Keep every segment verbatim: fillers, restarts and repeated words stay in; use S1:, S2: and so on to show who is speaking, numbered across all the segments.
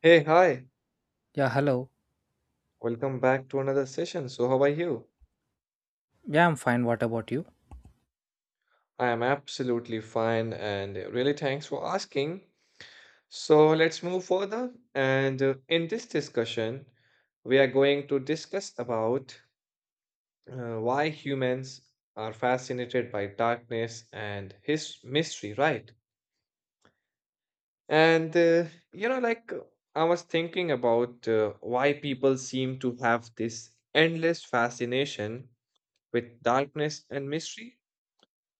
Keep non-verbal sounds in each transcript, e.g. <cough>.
S1: Hey, hi.
S2: Yeah, hello.
S1: Welcome back to another session. So, how are you?
S2: Yeah, I'm fine. What about you?
S1: I am absolutely fine and really thanks for asking. So, let's move further. And uh, In this discussion, we are going to discuss about uh, why humans are fascinated by darkness and his mystery, right? And uh, you know, like uh, I was thinking about uh, why people seem to have this endless fascination with darkness and mystery.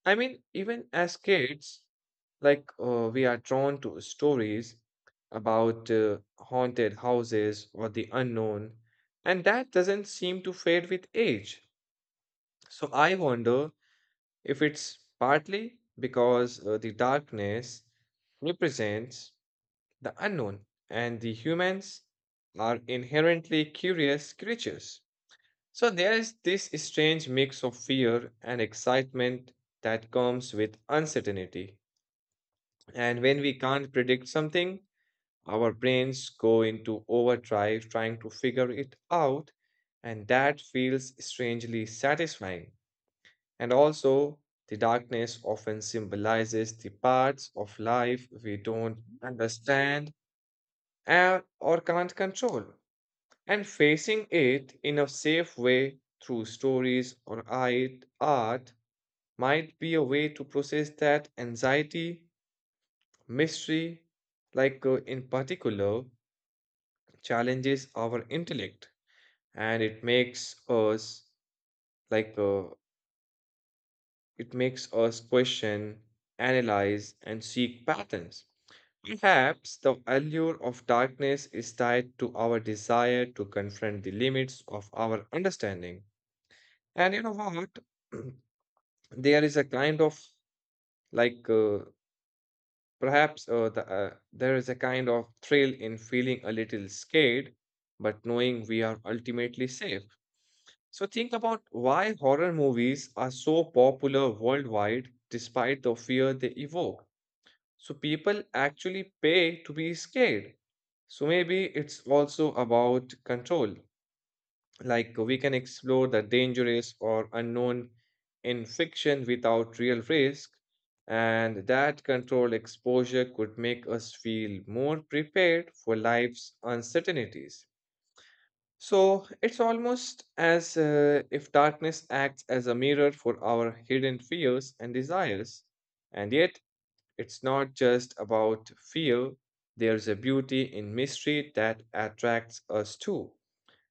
S1: I mean, even as kids, like uh, we are drawn to stories about uh, haunted houses or the unknown, and that doesn't seem to fade with age. So I wonder if it's partly because uh, the darkness represents the unknown, and the humans are inherently curious creatures. So there is this strange mix of fear and excitement that comes with uncertainty. And when we can't predict something, our brains go into overdrive trying to figure it out, and that feels strangely satisfying. And also, the darkness often symbolizes the parts of life we don't understand and, or can't control. And facing it in a safe way through stories or art art might be a way to process that anxiety. Mystery, like uh, in particular, challenges our intellect, and it makes us like uh, it makes us question, analyze, and seek patterns. Perhaps the allure of darkness is tied to our desire to confront the limits of our understanding. And you know what? <clears throat> There is a kind of like uh, Perhaps uh, the, uh, There is a kind of thrill in feeling a little scared, but knowing we are ultimately safe. So think about why horror movies are so popular worldwide despite the fear they evoke. So people actually pay to be scared. So maybe it's also about control. Like we can explore the dangerous or unknown in fiction without real risk, and that controlled exposure could make us feel more prepared for life's uncertainties. So it's almost as uh, if darkness acts as a mirror for our hidden fears and desires. And yet, it's not just about fear, there's a beauty in mystery that attracts us too,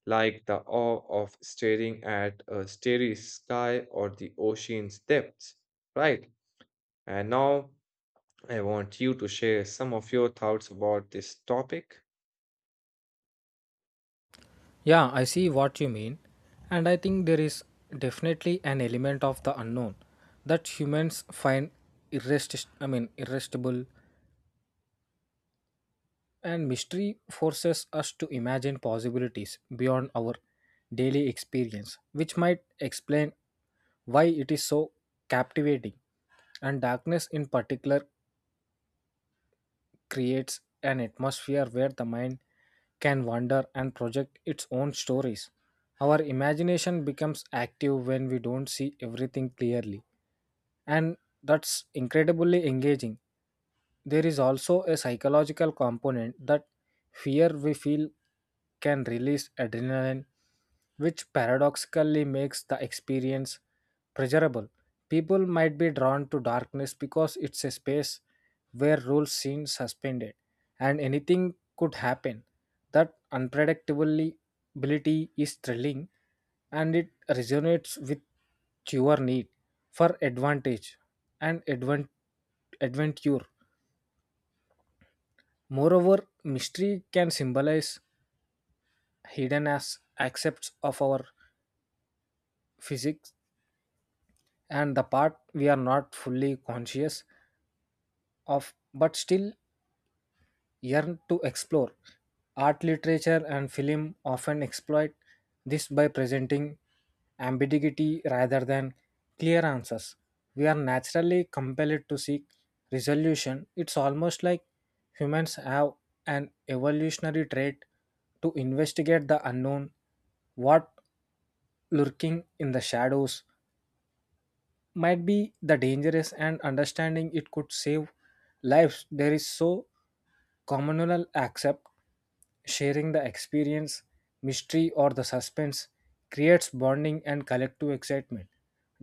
S1: like the awe of staring at a starry sky or the ocean's depths, right? And now I want you to share some of your thoughts about this topic.
S2: Yeah, I see what you mean. And I think there is definitely an element of the unknown that humans find irresist- I mean, irresistible. And mystery forces us to imagine possibilities beyond our daily experience, which might explain why it is so captivating. And darkness, in particular, creates an atmosphere where the mind can wander and project its own stories. Our imagination becomes active when we don't see everything clearly, and that's incredibly engaging. There is also a psychological component that fear we feel can release adrenaline, which paradoxically makes the experience pleasurable. People might be drawn to darkness because it's a space where rules seem suspended and anything could happen. That unpredictability is thrilling and it resonates with your need for advantage and advent- adventure. Moreover, mystery can symbolize hidden as accepts of our physics and the part we are not fully conscious of, but still yearn to explore. Art, literature, and film often exploit this by presenting ambiguity rather than clear answers. We are naturally compelled to seek resolution. It's almost like humans have an evolutionary trait to investigate the unknown, what lurking in the shadows might be the dangerous and understanding it could save lives there is so communal accept, sharing the experience, mystery, or the suspense creates bonding and collective excitement.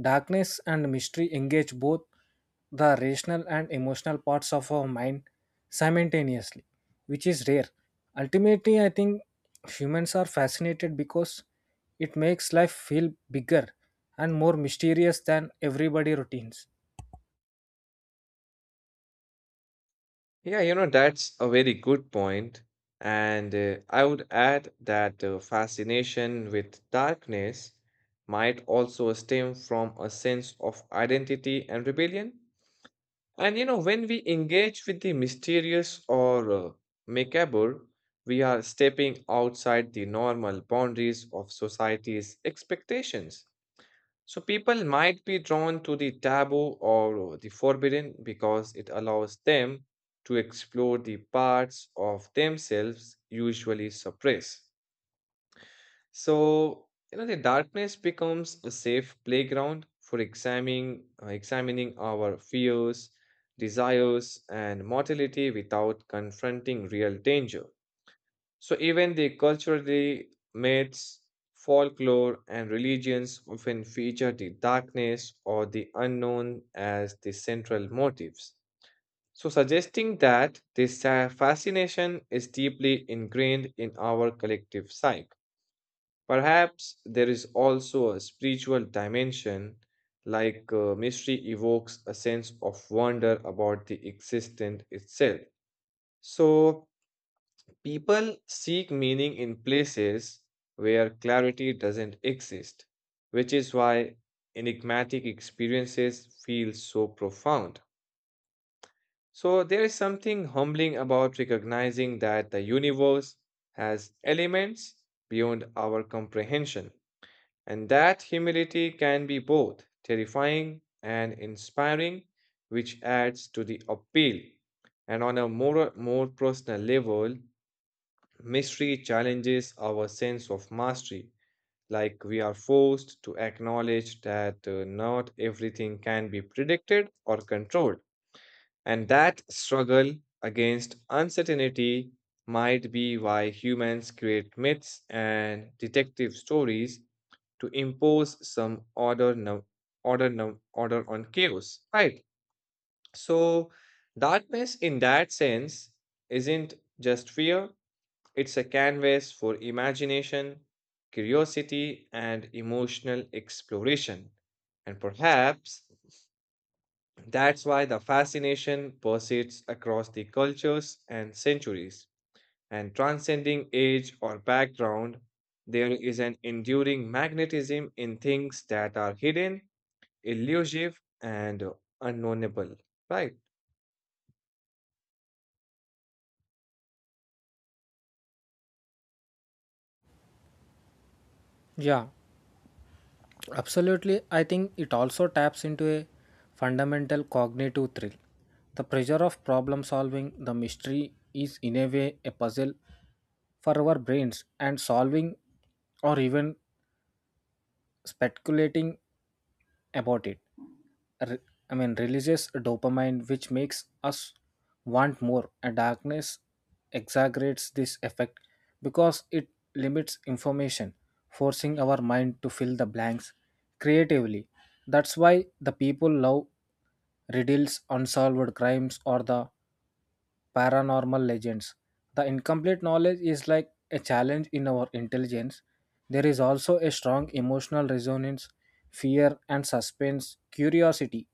S2: Darkness and mystery engage both the rational and emotional parts of our mind simultaneously, which is rare. Ultimately, I think humans are fascinated because it makes life feel bigger and more mysterious than everybody routines.
S1: Yeah, you know, that's a very good point. And uh, I would add that uh, fascination with darkness might also stem from a sense of identity and rebellion. And you know, when we engage with the mysterious or uh, macabre, we are stepping outside the normal boundaries of society's expectations. So people might be drawn to the taboo or uh, the forbidden because it allows them to explore the parts of themselves usually suppressed. So, you know, the darkness becomes a safe playground for examining, uh, examining our fears, desires, and mortality without confronting real danger. So, even the culturally myths, folklore, and religions often feature the darkness or the unknown as the central motives. So, suggesting that this uh, fascination is deeply ingrained in our collective psyche. Perhaps there is also a spiritual dimension, like uh, mystery evokes a sense of wonder about the existence itself. So, people seek meaning in places where clarity doesn't exist, which is why enigmatic experiences feel so profound. So, there is something humbling about recognizing that the universe has elements beyond our comprehension. And that humility can be both terrifying and inspiring, which adds to the appeal. And on a more, more personal level, mystery challenges our sense of mastery, like we are forced to acknowledge that uh, not everything can be predicted or controlled. And that struggle against uncertainty might be why humans create myths and detective stories to impose some order num order num order on chaos, right? So darkness in that sense isn't just fear, it's a canvas for imagination, curiosity, and emotional exploration. And perhaps that's why the fascination persists across the cultures and centuries. And transcending age or background, there is an enduring magnetism in things that are hidden, elusive, and uh, unknownable, right?
S2: Yeah, absolutely, I think it also taps into a fundamental cognitive thrill. The pressure of problem solving the mystery is, in a way, a puzzle for our brains, and solving or even speculating about it re- I mean, releases dopamine, which makes us want more. And darkness exaggerates this effect because it limits information, forcing our mind to fill the blanks creatively. That's why the people love riddles, unsolved crimes, or the paranormal legends. The incomplete knowledge is like a challenge in our intelligence. There is also a strong emotional resonance, fear, and suspense, curiosity,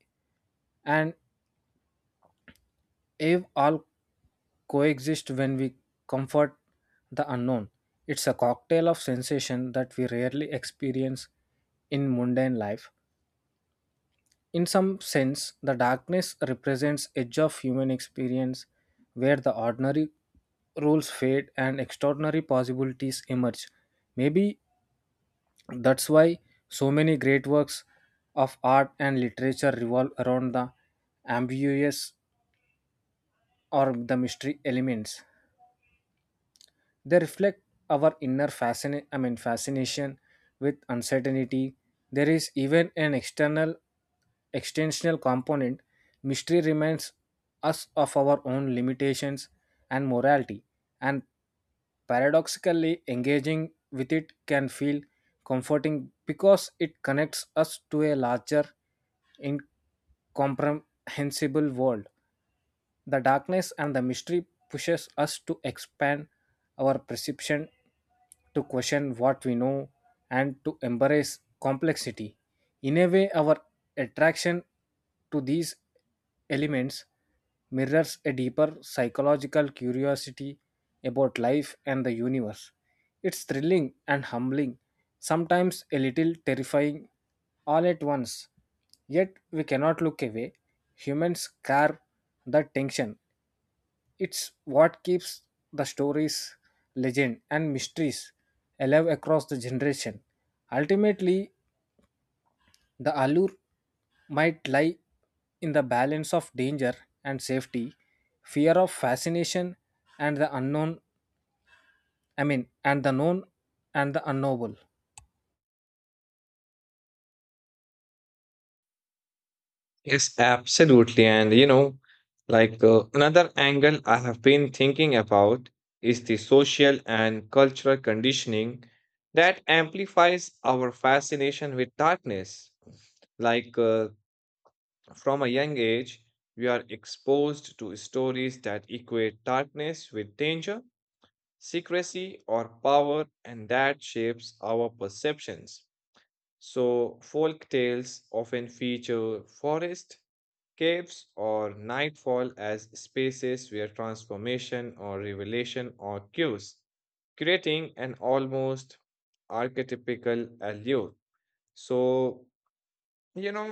S2: and if all coexist when we comfort the unknown, it's a cocktail of sensation that we rarely experience in mundane life. In some sense, the darkness represents edge of human experience where the ordinary rules fade and extraordinary possibilities emerge. Maybe that's why so many great works of art and literature revolve around the ambiguous or the mystery elements. They reflect our inner fascina- I mean, fascination with uncertainty. There is even an external extensional component. Mystery reminds us of our own limitations and morality, and paradoxically, engaging with it can feel comforting because it connects us to a larger, incomprehensible world. The darkness and the mystery pushes us to expand our perception, to question what we know, and to embrace complexity. In a way, our attraction to these elements mirrors a deeper psychological curiosity about life and the universe. It's thrilling and humbling, sometimes a little terrifying all at once. Yet we cannot look away. Humans carve that tension. It's what keeps the stories, legend, and mysteries alive across the generation. Ultimately, the allure might lie in the balance of danger and safety, fear of fascination and the unknown, I mean, and the known and the unknowable.
S1: Yes, absolutely. And you know, like uh, another angle I have been thinking about is the social and cultural conditioning that amplifies our fascination with darkness. like uh, from a young age we are exposed to stories that equate darkness with danger, secrecy or power, and that shapes our perceptions. So, folk tales often feature forest, caves, or nightfall as spaces where transformation or revelation occurs, creating an almost archetypical allure. So, you know,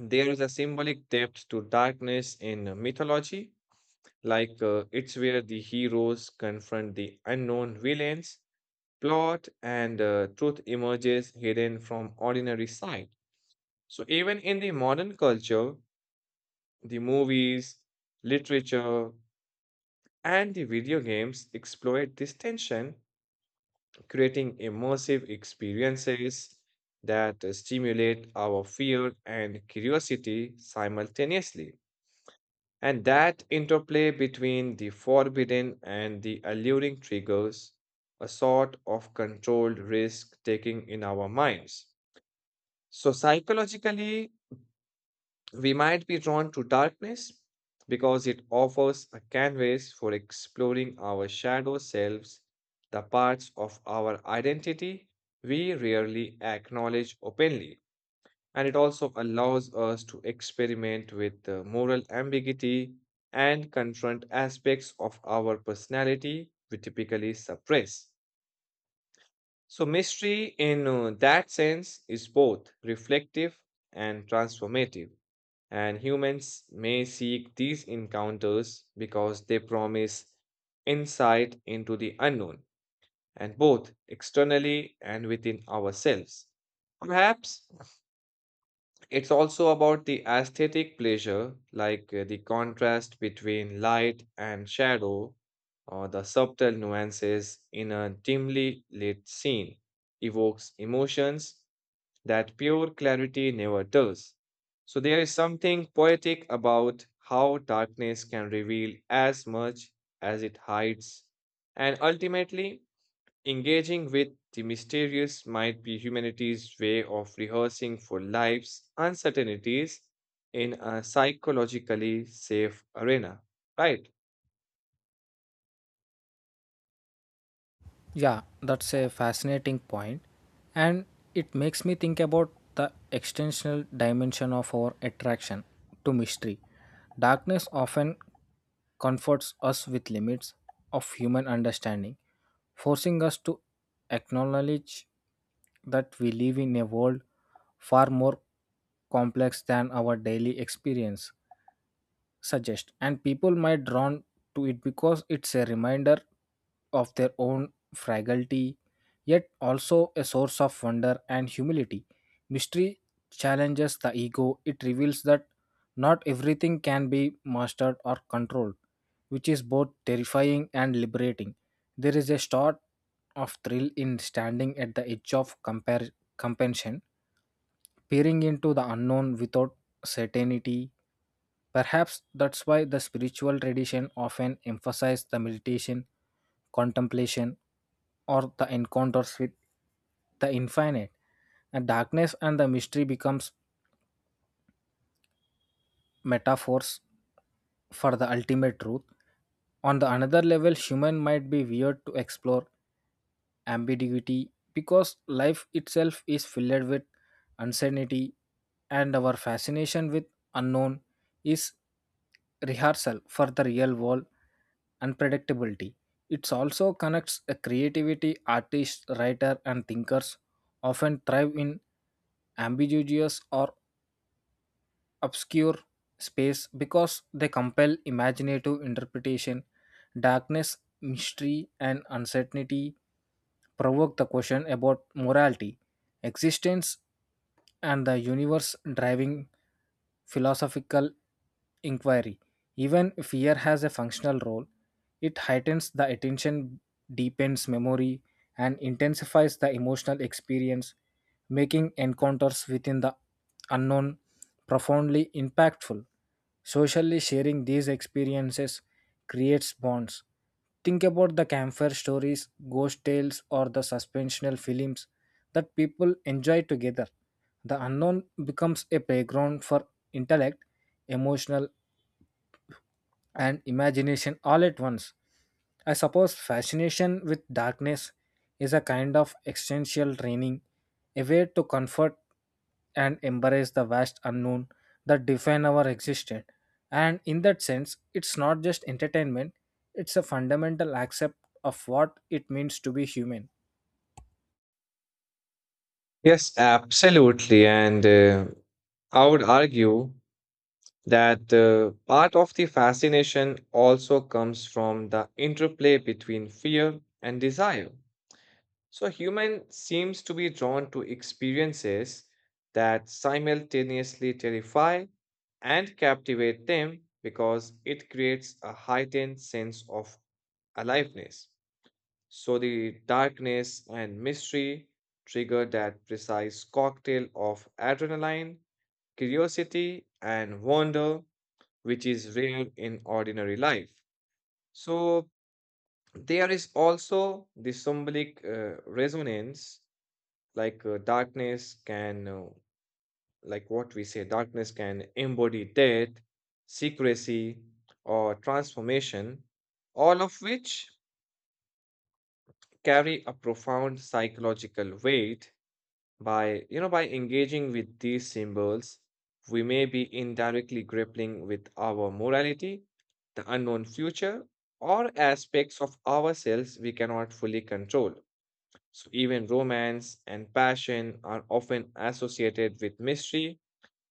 S1: there is a symbolic depth to darkness in mythology, like uh, it's where the heroes confront the unknown villains, plot, and uh, truth emerges hidden from ordinary sight. So, even in the modern culture, the movies, literature, and the video games exploit this tension, creating immersive experiences that uh, stimulate our fear and curiosity simultaneously. And that interplay between the forbidden and the alluring triggers a sort of controlled risk taking in our minds. So, psychologically, we might be drawn to darkness because it offers a canvas for exploring our shadow selves, the parts of our identity we rarely acknowledge openly. And it also allows us to experiment with uh, moral ambiguity and confront aspects of our personality we typically suppress. So, mystery in uh, that sense is both reflective and transformative. And humans may seek these encounters because they promise insight into the unknown, and both externally and within ourselves. Perhaps it's also about the aesthetic pleasure, like uh, the contrast between light and shadow, or the subtle nuances in a dimly lit scene, evokes emotions that pure clarity never does. So there is something poetic about how darkness can reveal as much as it hides. And ultimately, engaging with the mysterious might be humanity's way of rehearsing for life's uncertainties in a psychologically safe arena, right?
S2: Yeah, that's a fascinating point, and it makes me think about the extensional dimension of our attraction to mystery. Darkness often comforts us with limits of human understanding, forcing us to acknowledge that we live in a world far more complex than our daily experience suggest and people might drawn to it because it's a reminder of their own fragility yet also a source of wonder and humility. Mystery challenges the ego. It reveals that not everything can be mastered or controlled, which is both terrifying and liberating. There is a sort of thrill in standing at the edge of compar- compension, peering into the unknown without certainty. Perhaps that's why the spiritual tradition often emphasizes the meditation, contemplation, or the encounters with the infinite. And darkness and the mystery becomes metaphors for the ultimate truth. On the another level, human might be weird to explore ambiguity because life itself is filled with uncertainty and our fascination with unknown is rehearsal for the real world unpredictability. It also connects a creativity artists, writer and thinkers often thrive in ambiguous or obscure space because they compel imaginative interpretation. Darkness, mystery, and uncertainty provoke the question about morality, existence, and the universe driving philosophical inquiry. Even fear has a functional role, it heightens the attention, deepens memory, and intensifies the emotional experience, making encounters within the unknown profoundly impactful. Socially sharing these experiences creates bonds. Think about the campfire stories, ghost tales, or the suspensional films that people enjoy together. The unknown becomes a playground for intellect, emotional, and imagination all at once. I suppose fascination with darkness is a kind of existential training, a way to comfort and embrace the vast unknown that define our existence. And in that sense, it's not just entertainment, it's a fundamental accept of what it means to be human.
S1: Yes, absolutely. And uh, I would argue that uh, part of the fascination also comes from the interplay between fear and desire. So, human seems to be drawn to experiences that simultaneously terrify and captivate them because it creates a heightened sense of aliveness. So, the darkness and mystery trigger that precise cocktail of adrenaline, curiosity, and wonder, which is rare in ordinary life. So there is also the symbolic uh, resonance, like uh, darkness can, uh, like what we say, darkness can embody death, secrecy, or transformation, all of which carry a profound psychological weight. By, you know, by engaging with these symbols, we may be indirectly grappling with our morality, the unknown future, or aspects of ourselves we cannot fully control. So, even romance and passion are often associated with mystery.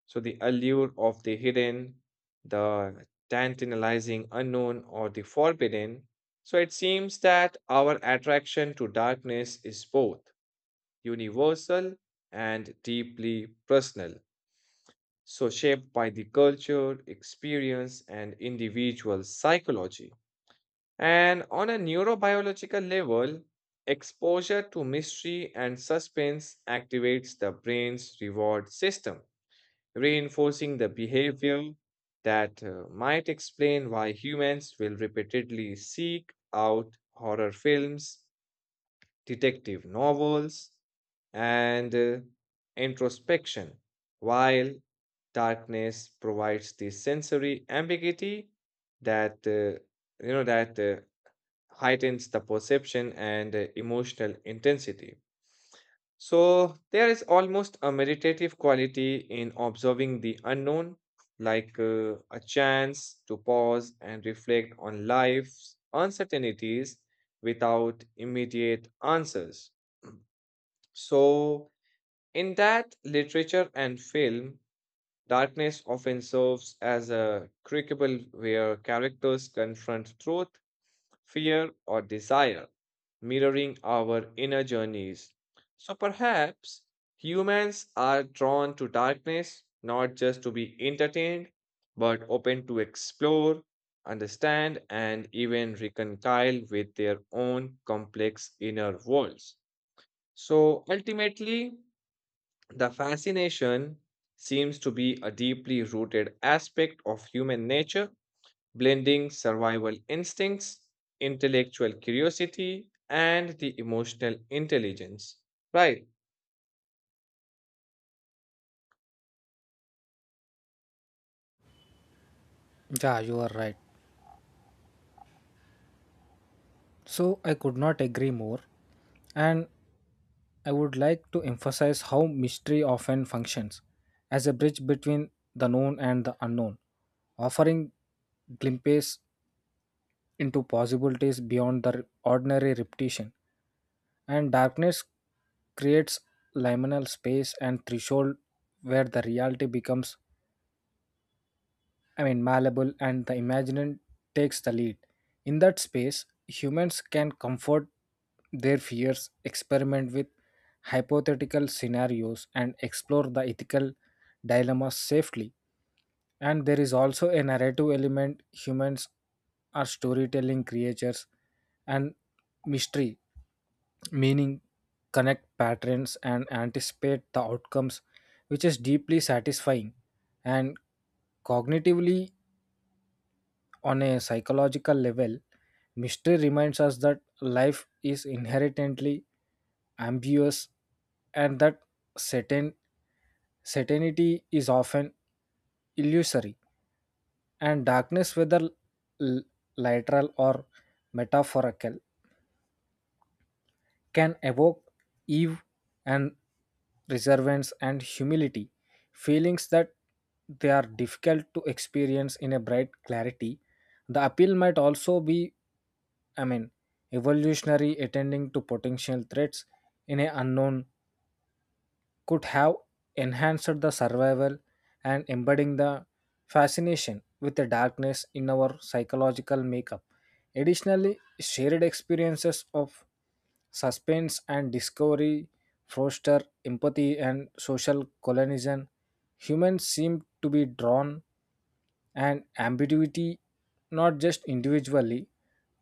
S1: So, the allure of the hidden, the tantalizing unknown, or the forbidden. So, it seems that our attraction to darkness is both universal and deeply personal. So, shaped by the culture, experience, and individual psychology. And on a neurobiological level, exposure to mystery and suspense activates the brain's reward system, reinforcing the behavior that uh, might explain why humans will repeatedly seek out horror films, detective novels, and uh, introspection, while darkness provides the sensory ambiguity that uh, you know that uh, heightens the perception and uh, emotional intensity. So there is almost a meditative quality in observing the unknown, like uh, a chance to pause and reflect on life's uncertainties without immediate answers. So, in that literature and film, darkness often serves as a crucible where characters confront truth, fear, or desire, mirroring our inner journeys. So, perhaps humans are drawn to darkness not just to be entertained, but open to explore, understand, and even reconcile with their own complex inner worlds. So, ultimately, the fascination seems to be a deeply rooted aspect of human nature, blending survival instincts, intellectual curiosity, and the emotional intelligence. Right.
S2: Yeah, you are right. So I could not agree more. And I would like to emphasize how mystery often functions as a bridge between the known and the unknown, offering glimpses into possibilities beyond the ordinary repetition. And darkness creates liminal space and threshold where the reality becomes, I mean, malleable and the imagination takes the lead. In that space, humans can comfort their fears, experiment with hypothetical scenarios, and explore the ethical dilemmas safely. And there is also a narrative element. Humans are storytelling creatures and mystery meaning, connect patterns, and anticipate the outcomes, which is deeply satisfying. And cognitively, on a psychological level, mystery reminds us that life is inherently ambiguous and that certain, certainty is often illusory, and darkness, whether l- literal or metaphorical, can evoke Eve and reservance and humility, feelings that they are difficult to experience in a bright clarity. The appeal might also be, I mean, evolutionary attending to potential threats in an unknown could have enhanced the survival and embedding the fascination with the darkness in our psychological makeup. Additionally, shared experiences of suspense and discovery foster empathy and social cohesion. Humans seem to be drawn and ambiguity not just individually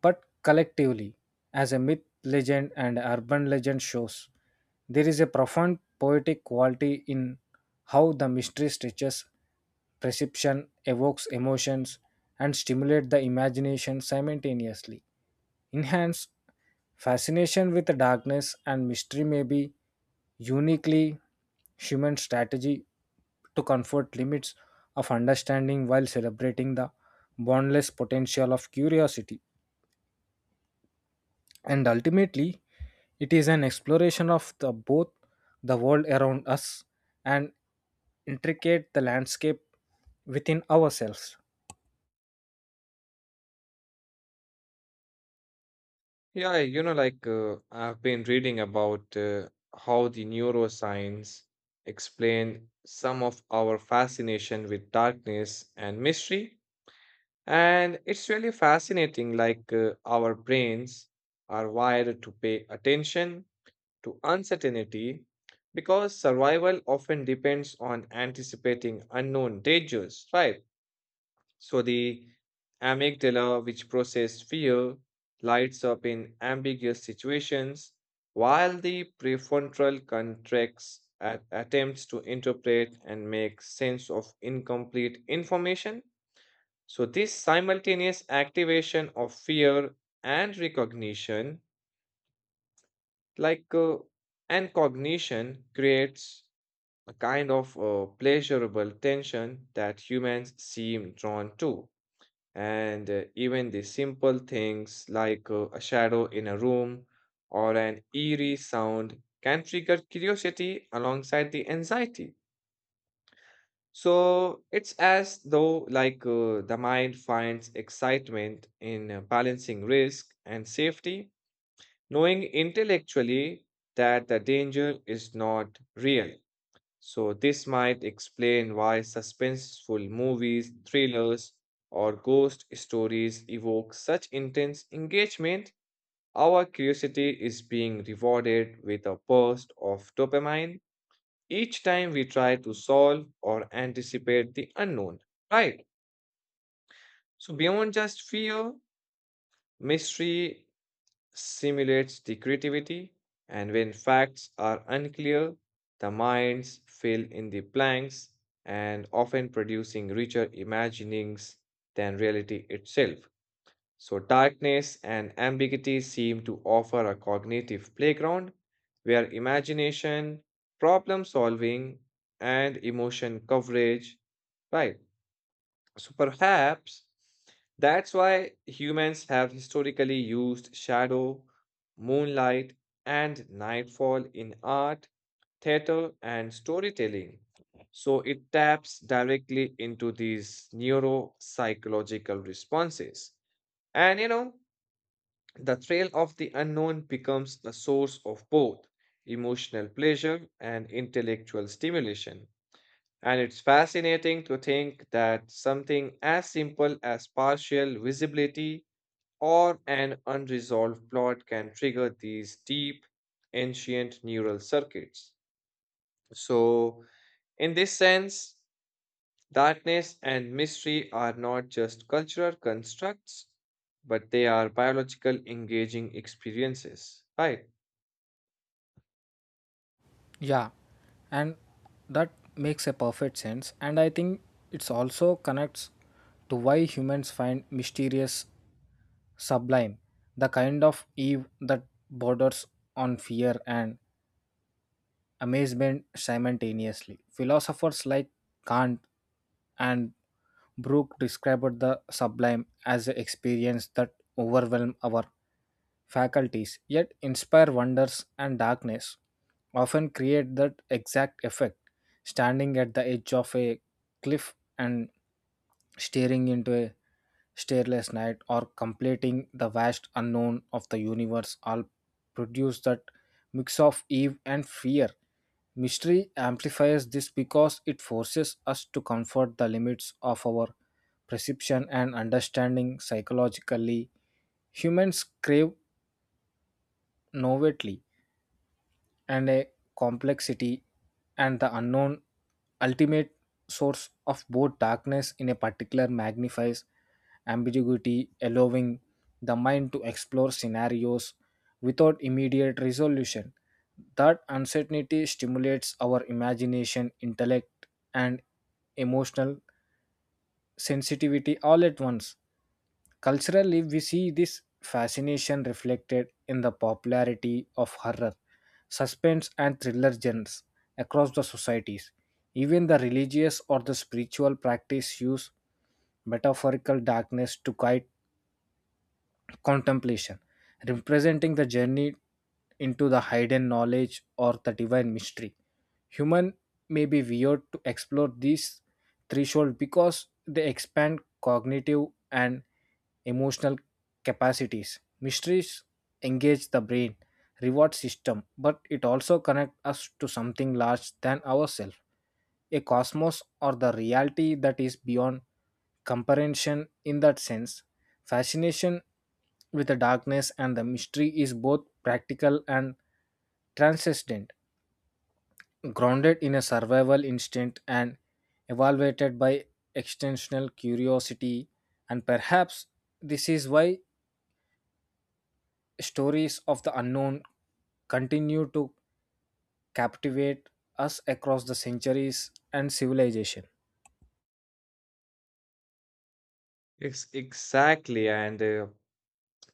S2: but collectively as a myth legend and urban legend shows there is a profound poetic quality in how the mystery stretches perception evokes emotions and stimulates the imagination simultaneously enhance fascination with the darkness and mystery may be uniquely human strategy to comfort limits of understanding while celebrating the boundless potential of curiosity. And ultimately, it is an exploration of the, both the world around us and intricate the landscape within ourselves.
S1: Yeah, you know, like uh, I've been reading about uh, how the neuroscience explain some of our fascination with darkness and mystery. And it's really fascinating, like uh, our brains are wired to pay attention to uncertainty because survival often depends on anticipating unknown dangers, right? So the amygdala, which processes fear, lights up in ambiguous situations, while the prefrontal contracts at attempts to interpret and make sense of incomplete information. So this simultaneous activation of fear and recognition, like uh, and cognition, creates a kind of uh, pleasurable tension that humans seem drawn to. And uh, Even the simple things like uh, a shadow in a room or an eerie sound can trigger curiosity alongside the anxiety. So it's as though like uh, the mind finds excitement in uh, balancing risk and safety, knowing intellectually that the danger is not real. So, this might explain why suspenseful movies, thrillers, or ghost stories evoke such intense engagement. Our curiosity is being rewarded with a burst of dopamine each time we try to solve or anticipate the unknown, right? So, beyond just fear, mystery stimulates the creativity, and when facts are unclear, the minds fill in the blanks and often producing richer imaginings than reality itself. So, darkness and ambiguity seem to offer a cognitive playground where imagination, problem solving, and emotion coverage, right? So perhaps that's why humans have historically used shadow, moonlight, and nightfall in art, theater, and storytelling. So it taps directly into these neuropsychological responses. And you know, the thrill of the unknown becomes a source of both emotional pleasure and intellectual stimulation. And it's fascinating to think that something as simple as partial visibility or an unresolved plot can trigger these deep, ancient neural circuits. So, in this sense, darkness and mystery are not just cultural constructs, but they are biological engaging experiences, right?
S2: Yeah, and that makes a perfect sense. And I think it's also connects to why humans find mysterious sublime, the kind of eve that borders on fear and amazement simultaneously. Philosophers like Kant and Brooke described the sublime as an experience that overwhelms our faculties, yet inspire wonders and darkness, often create that exact effect. Standing at the edge of a cliff and staring into a starless night or completing the vast unknown of the universe all produce that mix of awe and fear. Mystery amplifies this because it forces us to comfort the limits of our perception and understanding psychologically. Humans crave novelty, and a complexity and the unknown ultimate source of both darkness in a particular magnifies ambiguity allowing the mind to explore scenarios without immediate resolution that uncertainty stimulates our imagination intellect and emotional sensitivity all at once. Culturally, we see this fascination reflected in the popularity of horror, suspense, and thriller genres across the societies. Even the religious or the spiritual practice use metaphorical darkness to guide contemplation, representing the journey into the hidden knowledge or the divine mystery. Human may be weird to explore these threshold because they expand cognitive and emotional capacities. Mysteries engage the brain reward system, but it also connects us to something larger than ourselves, a cosmos or the reality that is beyond comprehension in that sense. Fascination with the darkness and the mystery is both practical and transcendent, grounded in a survival instinct and evaluated by extensional curiosity. And perhaps this is why stories of the unknown continue to captivate us across the centuries and civilization.
S1: Ex- exactly. And uh,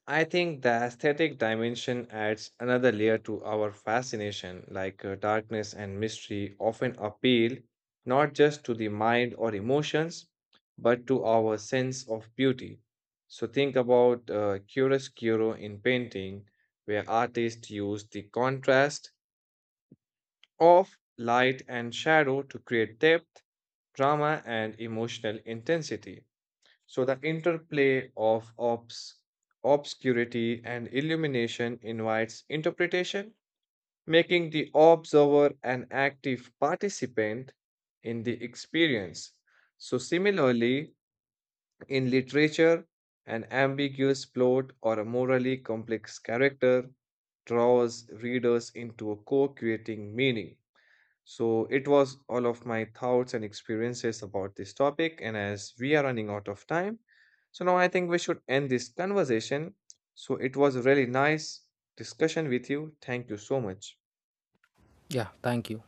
S1: I think the aesthetic dimension adds another layer to our fascination, like uh, darkness and mystery often appeal not just to the mind or emotions, but to our sense of beauty. So think about uh, chiaroscuro in painting, where artists use the contrast of light and shadow to create depth, drama, and emotional intensity. So the interplay of obs- obscurity and illumination invites interpretation, making the observer an active participant in the experience. So, similarly, in literature, an ambiguous plot or a morally complex character draws readers into a co creating meaning. So, it was all of my thoughts and experiences about this topic. And as we are running out of time, so now I think we should end this conversation. So, it was a really nice discussion with you. Thank you so much.
S2: Yeah, thank you.